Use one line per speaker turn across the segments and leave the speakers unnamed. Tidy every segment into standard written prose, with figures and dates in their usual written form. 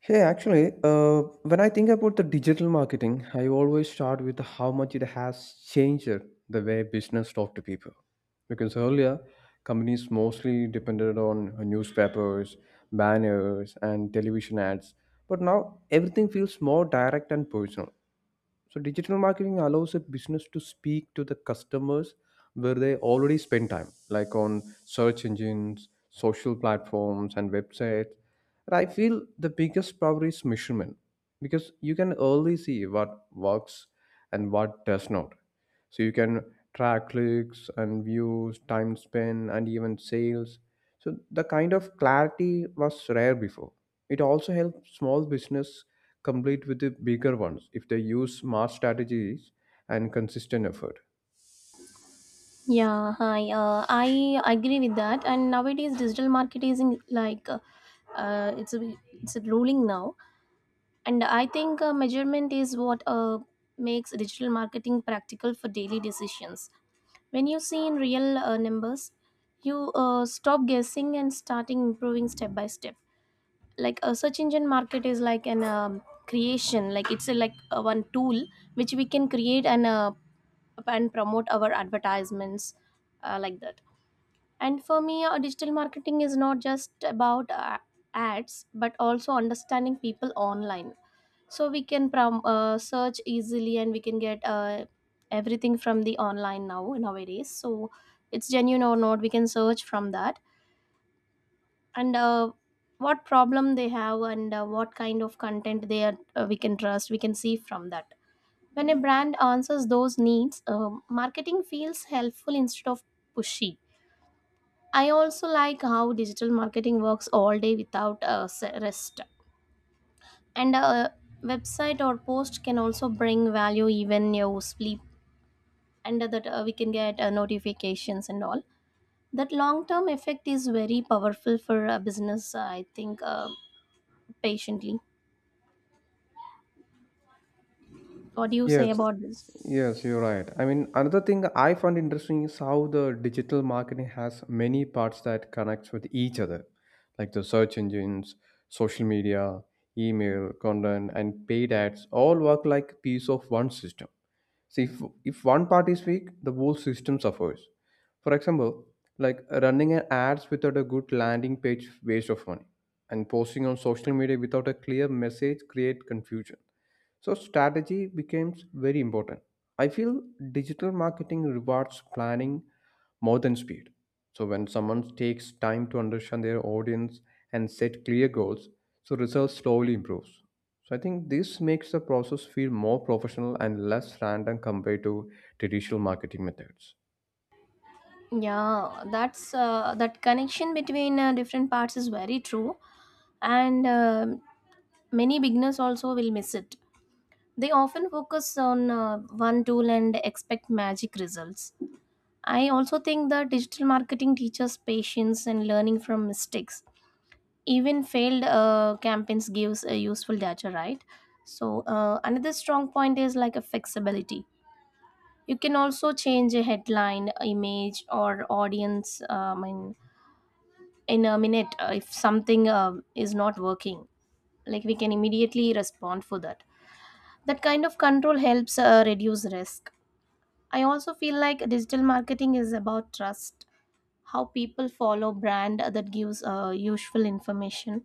Hey, actually, when I think about the digital marketing, I always start with how much it has changed the way business talk to people. Because earlier, companies mostly depended on newspapers, banners, and television ads. But now everything feels more direct and personal. So digital marketing allows a business to speak to the customers where they already spend time, like on search engines, social platforms, and websites. And I feel the biggest power is measurement because you can early see what works and what does not. So you can track clicks and views, time spent, and even sales. So the kind of clarity was rare before. It also helps small business complete with the bigger ones if they use smart strategies and consistent effort.
Yeah, hi. I agree with that. And nowadays, digital marketing is in, it's a ruling now, and I think measurement is what makes digital marketing practical for daily decisions. When you see in real numbers, you stop guessing and starting improving step by step. Like a search engine market is like an creation, like it's a, one tool which we can create and promote our advertisements like that. And for me, digital marketing is not just about ads, but also understanding people online. So we can search easily and we can get everything from the online now nowadays. So it's genuine or not, we can search from that. And what problem they have and what kind of content they are, we can trust, we can see from that. When a brand answers those needs, marketing feels helpful instead of pushy. I also like how digital marketing works all day without a rest. And a website or post can also bring value even you sleep, and that we can get notifications and all. That long term effect is very powerful for a business, I think, patiently. What do you say
Yes,
about this?
yes, you're right. I mean, another thing I found interesting is how the digital marketing has many parts that connects with each other, like the search engines, social media, email, content, and paid ads all work like piece of one system. See, if one part is weak, the whole system suffers. For example, like running an ads without a good landing page, waste of money, and posting on social media without a clear message create confusion. So strategy becomes very important. I feel digital marketing rewards planning more than speed. So when someone takes time to understand their audience and set clear goals, so results slowly improves. So I think this makes the process feel more professional and less random compared to traditional marketing methods.
Yeah, that connection between different parts is very true, and many beginners also will miss it. They often focus on one tool and expect magic results. I also think that digital marketing teaches patience and learning from mistakes. Even failed campaigns gives a useful data, right? So another strong point is like a flexibility. You can also change a headline, image, or audience. In a minute, if something is not working, like we can immediately respond for that. That kind of control helps reduce risk. I also feel like digital marketing is about trust, how people follow brand that gives useful information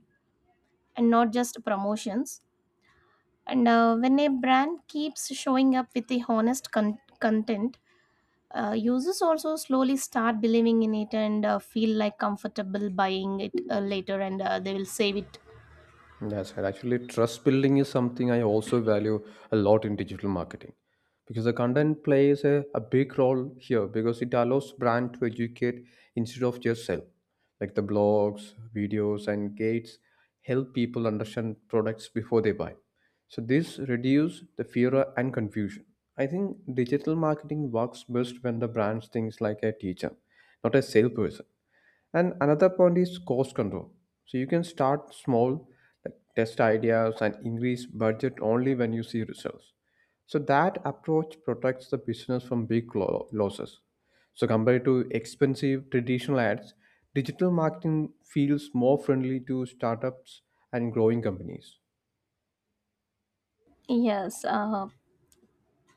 and not just promotions. And when a brand keeps showing up with a honest content, users also slowly start believing in it and feel like comfortable buying it later and they will save it.
Yes, and actually, trust building is something I also value a lot in digital marketing because the content plays a big role here because it allows brand to educate instead of just sell. Like the blogs, videos, and gates help people understand products before they buy. So this reduce the fear and confusion. I think digital marketing works best when the brand thinks like a teacher, not a salesperson. And another point is cost control. So you can start small, like test ideas and increase budget only when you see results. So that approach protects the business from big losses. So compared to expensive traditional ads, digital marketing feels more friendly to startups and growing companies.
Yes,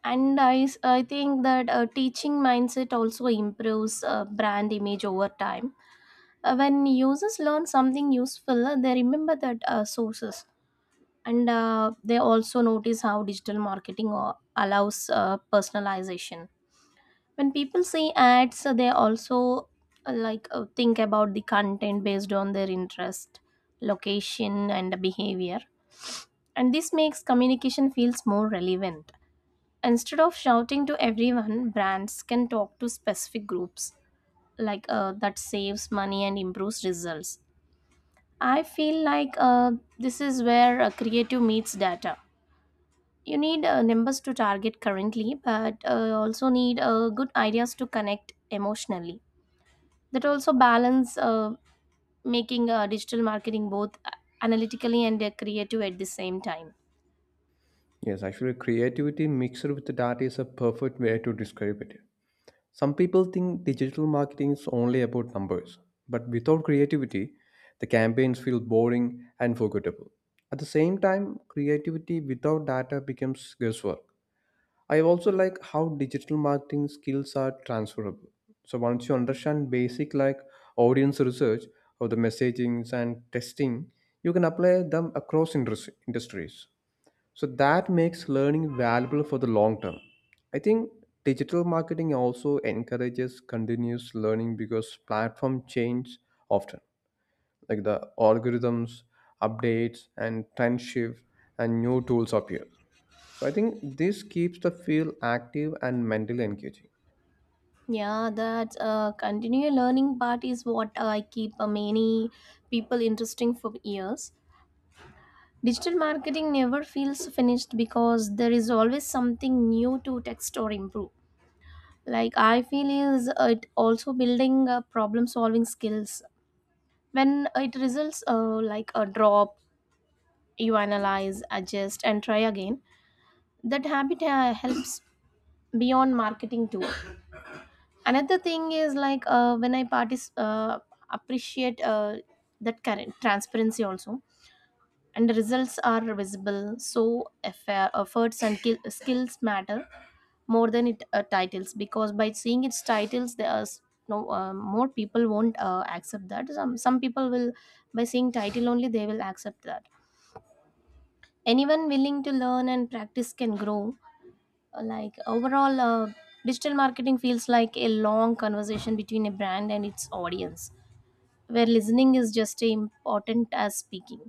and I think that teaching mindset also improves brand image over time. When users learn something useful, they remember that sources, and they also notice how digital marketing allows personalization. When people see ads, they also think about the content based on their interest, location, and behavior, and this makes communication feels more relevant. Instead of shouting to everyone, brands can talk to specific groups, that saves money and improves results. I feel like this is where creative meets data. You need numbers to target currently, but also need good ideas to connect emotionally. That also balance making digital marketing both analytically and creative at the same time.
Yes, actually creativity mixed with the data is a perfect way to describe it. Some people think digital marketing is only about numbers, but without creativity, the campaigns feel boring and forgettable. At the same time, creativity without data becomes guesswork. I also like how digital marketing skills are transferable. So once you understand basic like audience research or the messagings and testing, you can apply them across industries. So that makes learning valuable for the long term. I think digital marketing also encourages continuous learning because platform change often, like the algorithms, updates, and trend shift, and new tools appear. So I think this keeps the field active and mentally engaging.
Yeah, that continual learning part is what I keep many people interesting for years. Digital marketing never feels finished because there is always something new to text or improve. Like I feel is it also building problem solving skills when it results like a drop, you analyze adjust and try again. That habit helps beyond marketing too. Another thing is when I appreciate that current transparency also, and the results are visible, so efforts and skills matter more than it titles, because by seeing its titles there are no more people won't accept that. Some people will by seeing title only they will accept that. Anyone willing to learn and practice can grow. Overall, digital marketing feels like a long conversation between a brand and its audience, where listening is just as important as speaking.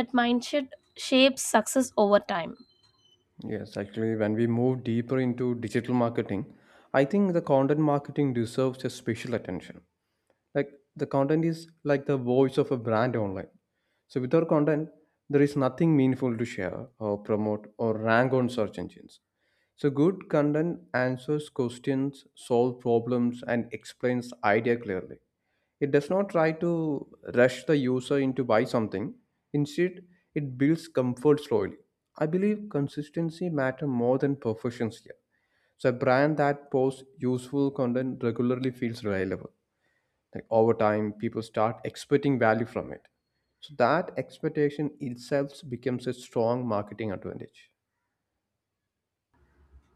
That mindset shapes success over time.
Yes, actually, when we move deeper into digital marketing, I think the content marketing deserves a special attention, like the content is like the voice of a brand online. So without content, there is nothing meaningful to share or promote or rank on search engines. So good content answers questions, solve problems, and explains idea clearly. It does not try to rush the user into buy something. Instead, it builds comfort slowly. I believe consistency matter more than perfections here. So a brand that posts useful content regularly feels reliable, like over time people start expecting value from it. So that expectation itself becomes a strong marketing advantage.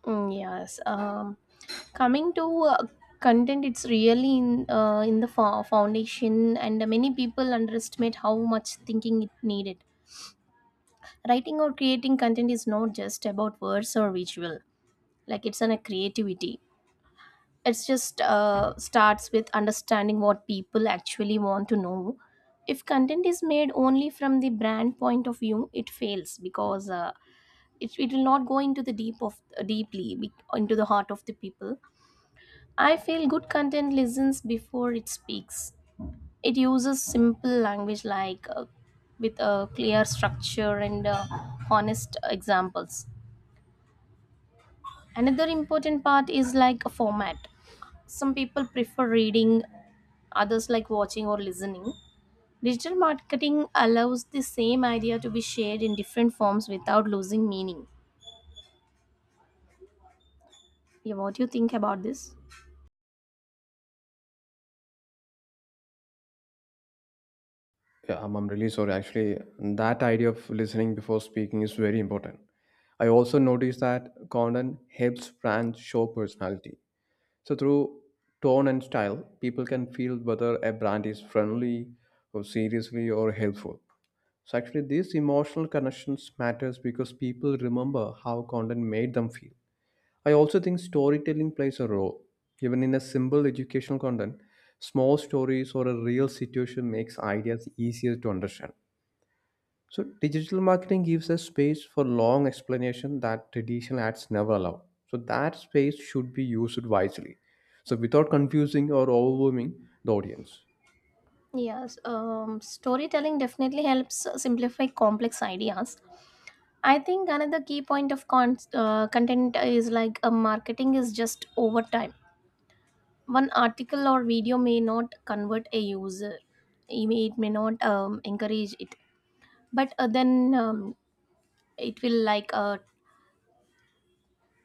Mm, yes. Coming to uh, content, it's really in foundation, and many people underestimate how much thinking it needed. Writing or creating content is not just about words or visual; like it's on a creativity. It's just starts with understanding what people actually want to know. If content is made only from the brand point of view, it fails, because it will not go into the deep of deeply into the heart of the people. I feel good content listens before it speaks. It uses simple language with a clear structure and honest examples. Another important part is like a format. Some people prefer reading, others like watching or listening. Digital marketing allows the same idea to be shared in different forms without losing meaning. Yeah, what do you think about this?
I'm really sorry actually, that idea of listening before speaking is very important. I also noticed that content helps brands show personality. So through tone and style, people can feel whether a brand is friendly or seriously or helpful. So actually these emotional connections matters because people remember how content made them feel. I also think storytelling plays a role. Even in a simple educational content, small stories or a real situation makes ideas easier to understand. So digital marketing gives us space for long explanation that traditional ads never allow. So that space should be used wisely. So without confusing or overwhelming the audience.
Yes, storytelling definitely helps simplify complex ideas. I think another key point of content is like a marketing is just over time. One article or video may not convert a user. It may not encourage it, but then it will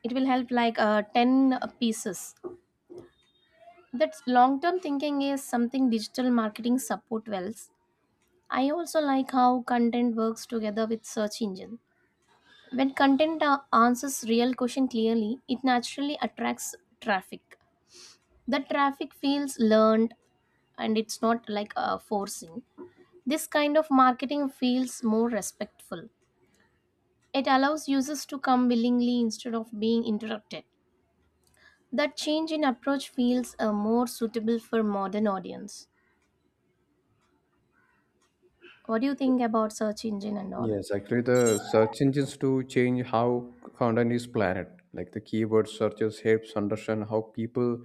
it will help like ten pieces. That's long term thinking is something digital marketing support wells. I also like how content works together with search engine. When content answers real question clearly, it naturally attracts traffic. The traffic feels learned, and it's not forcing. This kind of marketing feels more respectful. It allows users to come willingly instead of being interrupted. That change in approach feels more suitable for modern audience. What do you think about search engine and all?
Yes, actually, the search engines do change how content is planned. Like the keyword searches helps understand how people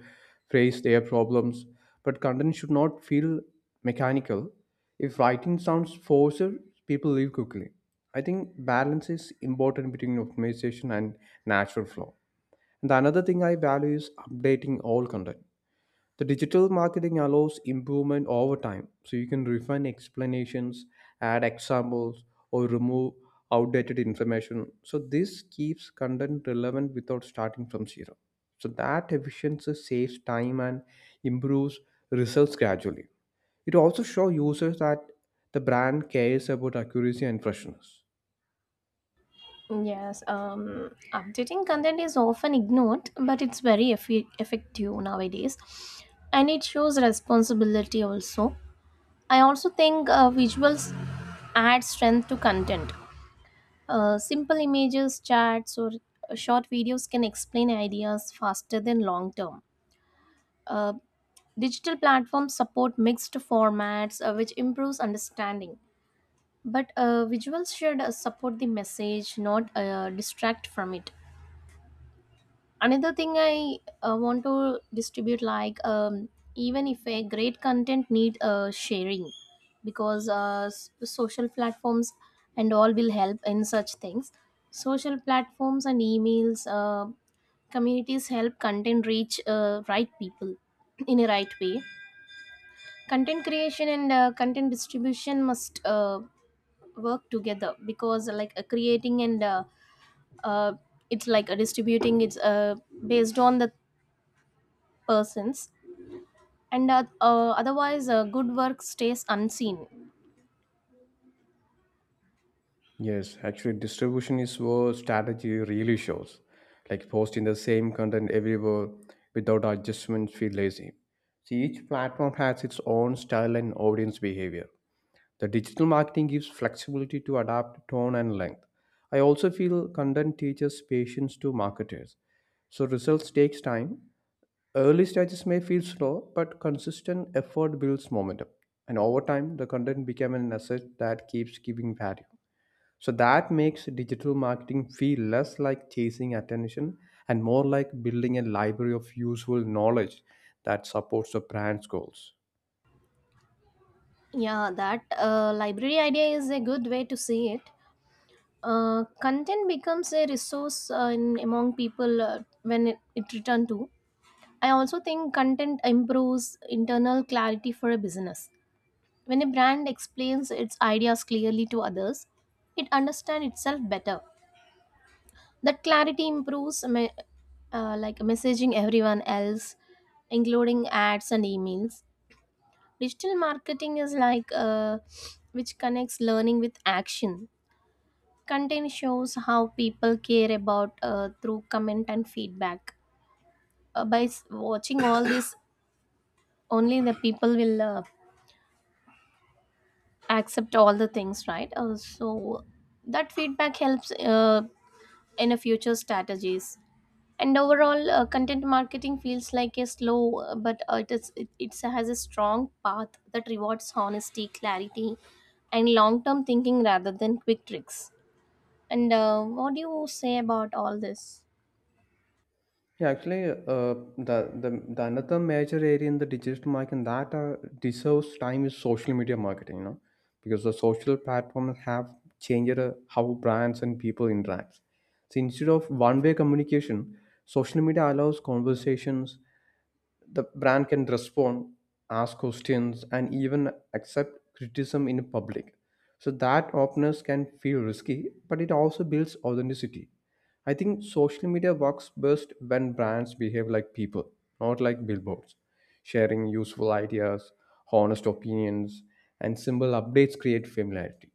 face their problems. But content should not feel mechanical. If writing sounds forced, people leave quickly. I think balance is important between optimization and natural flow. And the another thing I value is updating all content. The digital marketing allows improvement over time, so you can refine explanations, add examples, or remove outdated information. So this keeps content relevant without starting from zero. So that efficiency saves time and improves results gradually. It also shows users that the brand cares about accuracy and freshness.
Yes, updating content is often ignored, but it's very effective nowadays, and it shows responsibility also. I also think visuals add strength to content. Simple images, charts, or short videos can explain ideas faster than long term. Uh, digital platforms support mixed formats, which improves understanding. But visuals should support the message, not distract from it. Another thing I want to distribute even if a great content need sharing, because social platforms and all will help in such things. Social platforms and emails, communities help content reach right people in a right way. Content creation and content distribution must work together, because creating and uh, it's distributing it's based on the persons, and otherwise good work stays unseen.
Yes, actually, distribution is where strategy really shows. Like posting the same content everywhere without adjustments feel lazy. See, each platform has its own style and audience behavior. The digital marketing gives flexibility to adapt tone and length. I also feel content teaches patience to marketers. So results takes time. Early stages may feel slow, but consistent effort builds momentum. And over time, the content became an asset that keeps giving value. So that makes digital marketing feel less like chasing attention and more like building a library of useful knowledge that supports the brand's goals.
Yeah, that library idea is a good way to see it. Uh, content becomes a resource in among people when it return to. I also think content improves internal clarity for a business. When a brand explains its ideas clearly to others, it understands itself better. That clarity improves like messaging everyone else, including ads and emails. Digital marketing is which connects learning with action. Content shows how people care about through comment and feedback. By watching all this, only the people will accept all the things, right? So that feedback helps in a future strategies. And overall content marketing feels like a slow but it has a strong path that rewards honesty clarity and long term thinking rather than quick tricks. And what do you say about all this?
Yeah, actually, the, the the another major area in the digital marketing that deserves time is social media marketing. You know, because the social platforms have changed how brands and people interact. So instead of one-way communication, social media allows conversations. The brand can respond, ask questions, and even accept criticism in public. So that openness can feel risky, but it also builds authenticity. I think social media works best when brands behave like people, not like billboards. Sharing useful ideas, honest opinions, and simple updates create familiarity.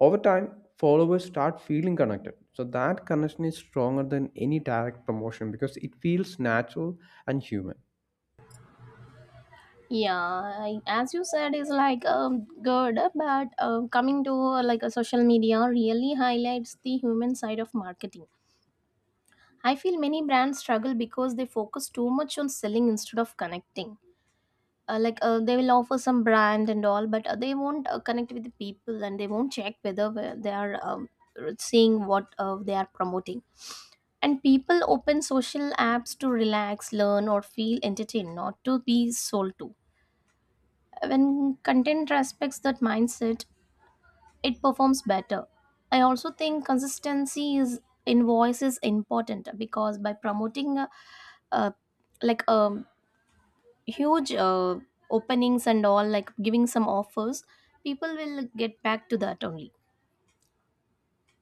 Over time, followers start feeling connected. So that connection is stronger than any direct promotion because it feels natural and human.
Yeah, I, as you said is good, but coming to like a social media really highlights the human side of marketing. I feel many brands struggle because they focus too much on selling instead of connecting. They will offer some brand and all, but they won't connect with the people, and they won't check whether they are seeing what they are promoting. And people open social apps to relax learn or feel entertained, not to be sold to. When content respects that mindset, it performs better. I also think consistency is in voice is important, because by promoting uh, like um huge openings and all like giving some offers, people will get back to that only.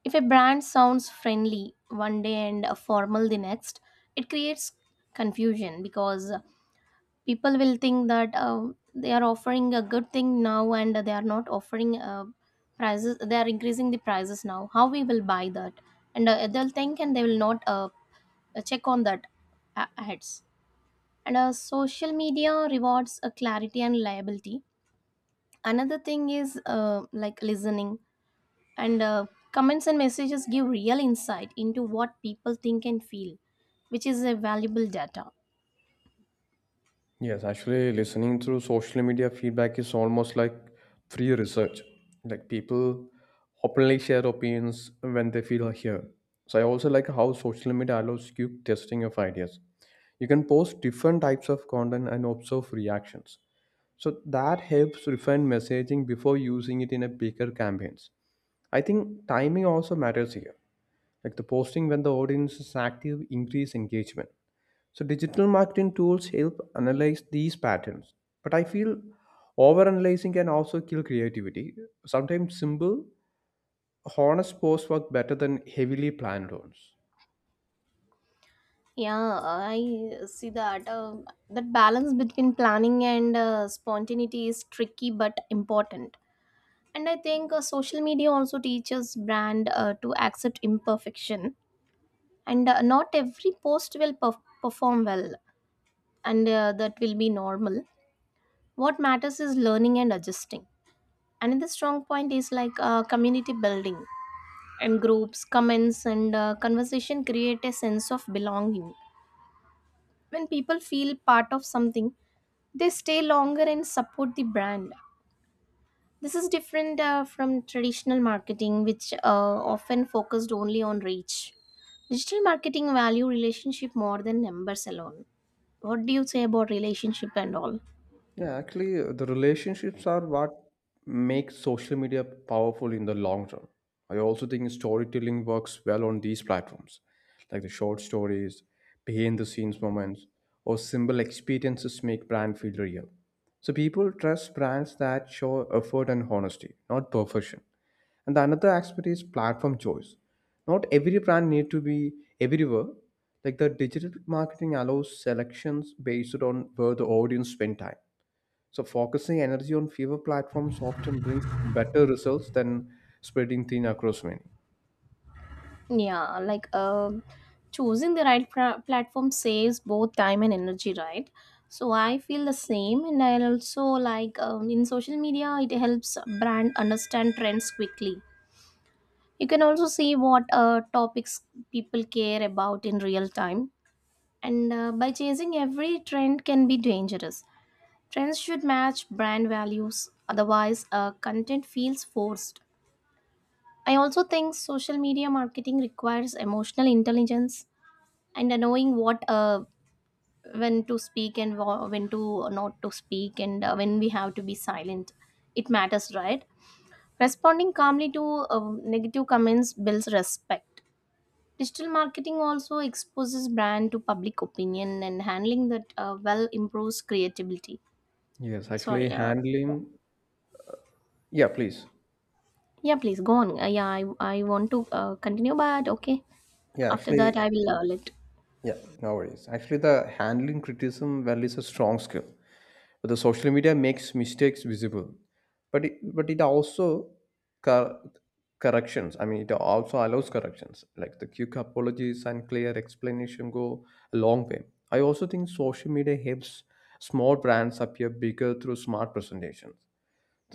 If a brand sounds friendly one day and formal the next, it creates confusion, because people will think that they are offering a good thing now and they are not offering prices, they are increasing the prices now, how we will buy that. And they'll think and they will not check on that. Ads and social media rewards clarity and liability. Another thing is like listening and comments and messages give real insight into what people think and feel, which is a valuable data.
Yes, actually, listening through social media feedback is almost like free research. Like people openly share opinions when they feel heard. So I also like how social media allows you testing of ideas. You can post different types of content and observe reactions. So that helps refine messaging before using it in a bigger campaigns. I think timing also matters here. Like the posting when the audience is active increase engagement. So digital marketing tools help analyze these patterns, but I feel overanalyzing can also kill creativity. Sometimes simple, honest posts work better than heavily planned ones.
Yeah, I see that that balance between planning and spontaneity is tricky but important. And I think social media also teaches brand to accept Imperfection. And not every post will perform well, and that will be normal. What matters is learning and adjusting. Another strong point is like community building, and groups, comments and conversation create a sense of belonging. When people feel part of something, they stay longer and support the brand. This is different from traditional marketing, which often focused only on reach. Digital marketing value relationship more than numbers alone. What do you say about relationship and all?
Yeah, actually, the relationships are what makes social media powerful in the long run. I also think storytelling works well on these platforms, like the short stories, behind the scenes moments, or simple experiences make brand feel real. So people trust brands that show effort and honesty, not perfection. And the another aspect is platform choice. Not every brand need to be everywhere. Like the digital marketing allows selections based on where the audience spend time, so focusing energy on fewer platforms often brings better results than spreading thin across many.
Yeah, like choosing the right platform saves both time and energy, right? So I feel the same, and I also like, in social media, it helps brand understand trends quickly. You can also see what topics people care about in real time, and by chasing every trend can be dangerous. Trends should match brand values, otherwise, content feels forced. I also think social media marketing requires emotional intelligence, and knowing what, when to speak and when to not to speak, and when we have to be silent, it matters, right? Responding calmly to negative comments builds respect. Digital marketing also exposes brand to public opinion, and handling that well improves creativity.
Yes, actually
Sorry,
handling. Yeah, please.
yeah, please go on. I want to continue, but okay.
Yeah,
After that,
actually.
I will, let.
Yeah, no worries. Actually, the handling criticism well is a strong skill, but the social media makes mistakes visible. But it also cor- corrections. I mean, it also allows corrections. Like the quick apologies and clear explanation go a long way. I also think social media helps small brands appear bigger through smart presentations.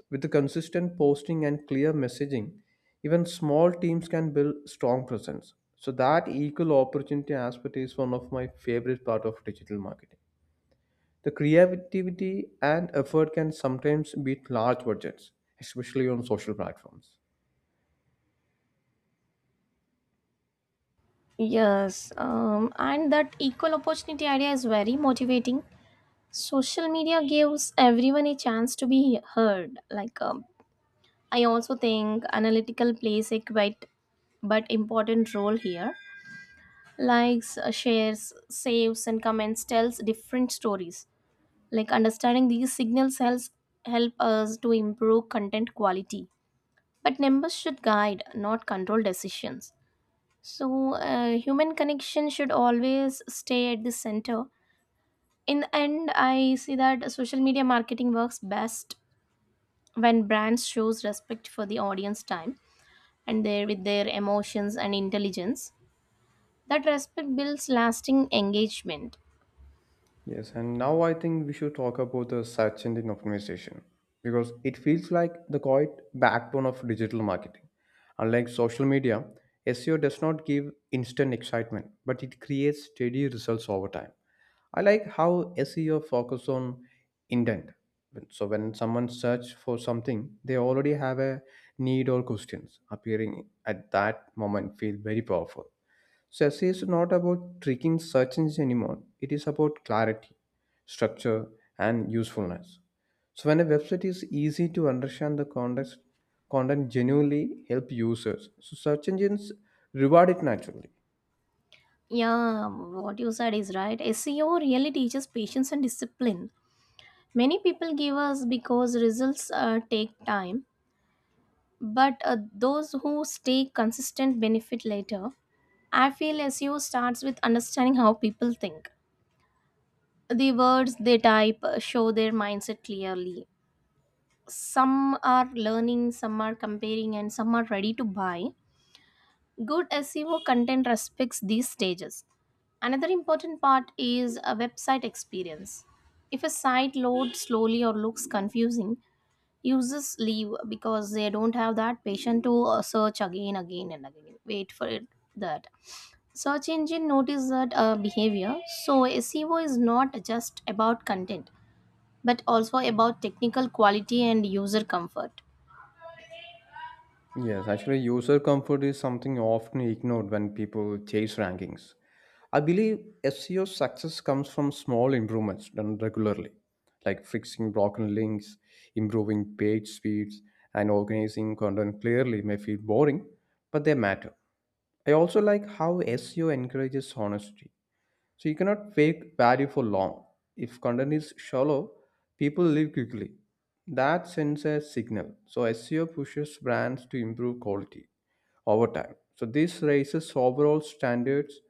With the consistent posting and clear messaging, even small teams can build strong presence. So that equal opportunity aspect is one of my favorite part of digital marketing. The creativity and effort can sometimes beat large budgets, especially on social platforms.
Yes, and that equal opportunity idea is very motivating. Social media gives everyone a chance to be heard. Like, I also think analytical plays a quite but important role here. Likes, shares, saves and comments tells different stories. Like, understanding these signals helps, help us to improve content quality, but numbers should guide, not control decisions. So human connection should always stay at the center. In the end, I see that social media marketing works best when brands shows respect for the audience time and their, with their emotions and intelligence. That respect builds lasting engagement.
Yes, and now I think we should talk about the search engine optimization because it feels like the quiet backbone of digital marketing. Unlike social media, SEO does not give instant excitement, but it creates steady results over time. I like how SEO focuses on intent. So when someone searches for something, they already have a need or questions appearing at that moment feel very powerful. Success is not about tricking search engines anymore. It is about clarity, structure, and usefulness. So when a website is easy to understand, the context content genuinely help users. So search engines reward it naturally.
Yeah, what you said is right. SEO really teaches patience and discipline. Many people give us because results take time, but those who stay consistent benefit later. I feel SEO starts with understanding how people think. The words they type show their mindset clearly. Some are learning, some are comparing, and some are ready to buy. Good SEO content respects these stages. Another important part is a website experience. If a site loads slowly or looks confusing, users leave because they don't have that patience to search again, again and again, wait for it. That search engine notice that behavior. So SEO is not just about content, but also about technical quality and user comfort.
Yes, actually, user comfort is something often ignored when people chase rankings. I believe SEO success comes from small improvements done regularly, like fixing broken links, improving page speeds, and organizing content clearly may feel boring, but they matter. I also like how SEO encourages honesty so you cannot fake value for long. If content is shallow, people leave quickly. That sends a signal. So SEO pushes brands to improve quality over time. So this raises overall standards.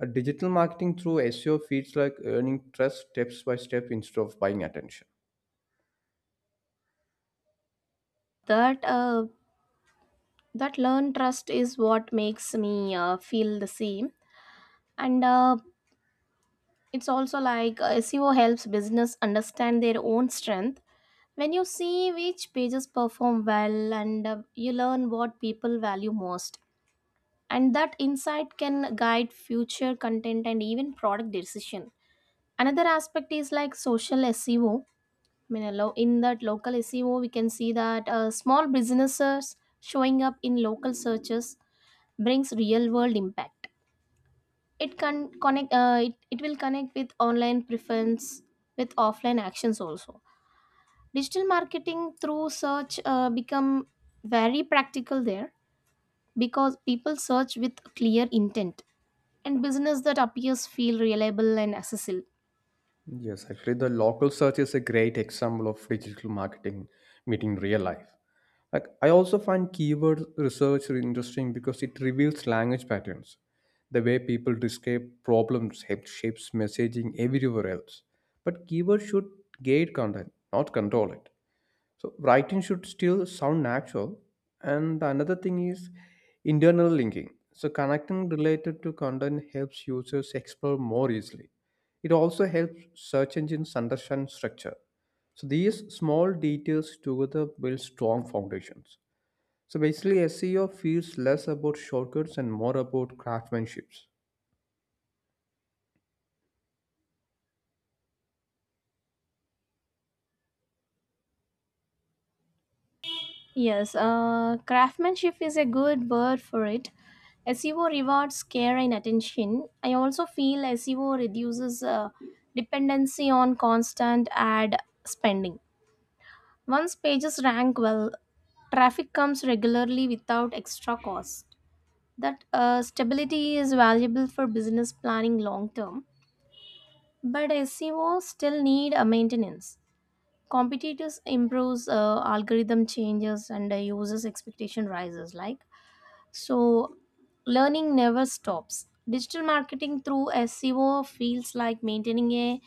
A digital marketing through SEO feels like earning trust steps by step instead of buying attention.
That that learn trust is what makes me feel the same. And it's also like SEO helps business understand their own strength. When you see which pages perform well, and you learn what people value most, and that insight can guide future content and even product decision. Another aspect is like social SEO, I mean, allow in that local SEO, we can see that small businesses showing up in local searches brings real world impact. It can connect. It will connect with online preference with offline actions also. Digital marketing through search become very practical there, because people search with clear intent and business that appears feel reliable and accessible.
Yes, actually, the local search is a great example of digital marketing meeting real life. Like, I also find keyword research really interesting because it reveals language patterns, the way people describe problems shapes messaging everywhere else. But keywords should guide content, not control it. So writing should still sound natural. And the another thing is internal linking. So connecting related to content helps users explore more easily. It also helps search engines understand structure. So these small details together build strong foundations. So basically SEO feels less about shortcuts and more about craftsmanships.
Yes, craftsmanship is a good word for it. SEO rewards care and attention. I also feel SEO reduces dependency on constant ad spending. Once pages rank well, traffic comes regularly without extra cost. That stability is valuable for business planning long term, but SEO still need a maintenance. Competitors improves, algorithm changes, and users' expectation rises. Like, so learning never stops. Digital marketing through SEO feels like maintaining a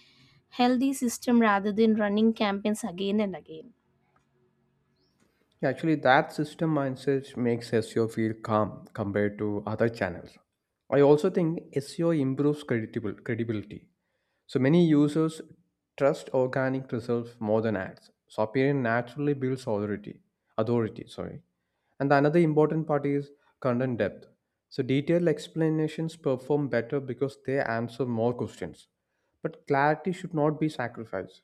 healthy system rather than running campaigns again and again.
Yeah, actually, that system mindset makes SEO feel calm compared to other channels. I also think SEO improves credible credibility. So many users trust organic results more than ads. So appearing naturally builds authority, sorry. And the another important part is content depth. So detailed explanations perform better because they answer more questions. But clarity should not be sacrificed.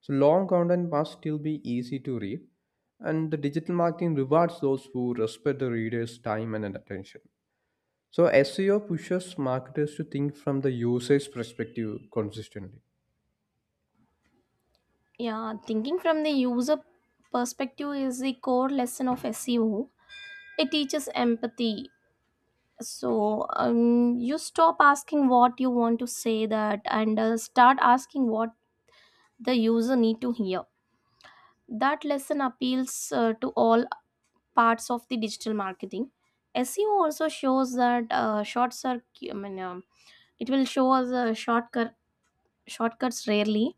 So long content must still be easy to read. And the digital marketing rewards those who respect the reader's time and attention. So SEO pushes marketers to think from the user's perspective consistently.
Yeah, thinking from the user perspective is the core lesson of SEO. It teaches empathy. So, you stop asking what you want to say that, and start asking what the user need to hear. That lesson appeals to all parts of the digital marketing. SEO also shows that I mean, it will show us shortcuts rarely,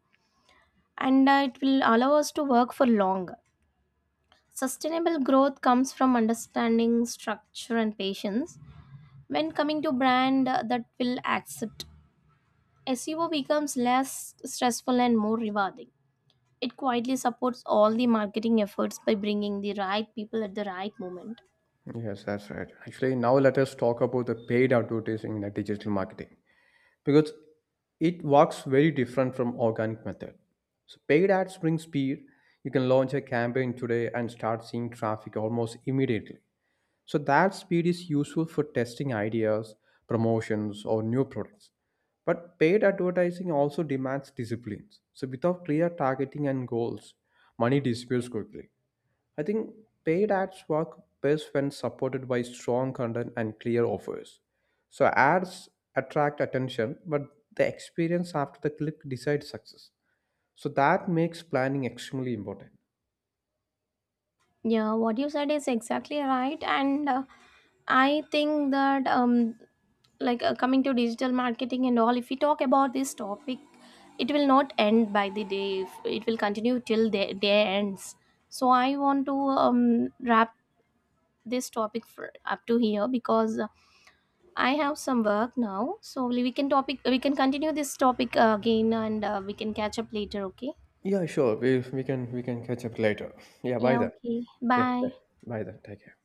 and it will allow us to work for longer. Sustainable growth comes from understanding structure and patience. When coming to brand that will accept, SEO becomes less stressful and more rewarding. It quietly supports all the marketing efforts by bringing the right people at the right moment.
Yes, that's right. Actually, now let us talk about the paid advertising in the digital marketing because it works very different from organic method. So paid ads bring speed. You can launch a campaign today and start seeing traffic almost immediately. So that speed is useful for testing ideas, promotions, or new products. But paid advertising also demands disciplines. So without clear targeting and goals, money disappears quickly. I think paid ads work best when supported by strong content and clear offers. So ads attract attention, but the experience after the click decides success. So that makes planning extremely important.
Yeah, what you said is exactly right. And I think that, like, coming to digital marketing and all, if we talk about this topic, it will not end by the day. It will continue till the day ends. So I want to wrap this topic for, up to here, because I have some work now. So, we can continue this topic again, and we can catch up later, okay?
Yeah, sure. We can catch up later. Yeah, by
Yeah,
then.
okay.
Yeah, bye
Bye.
bye then. Take care.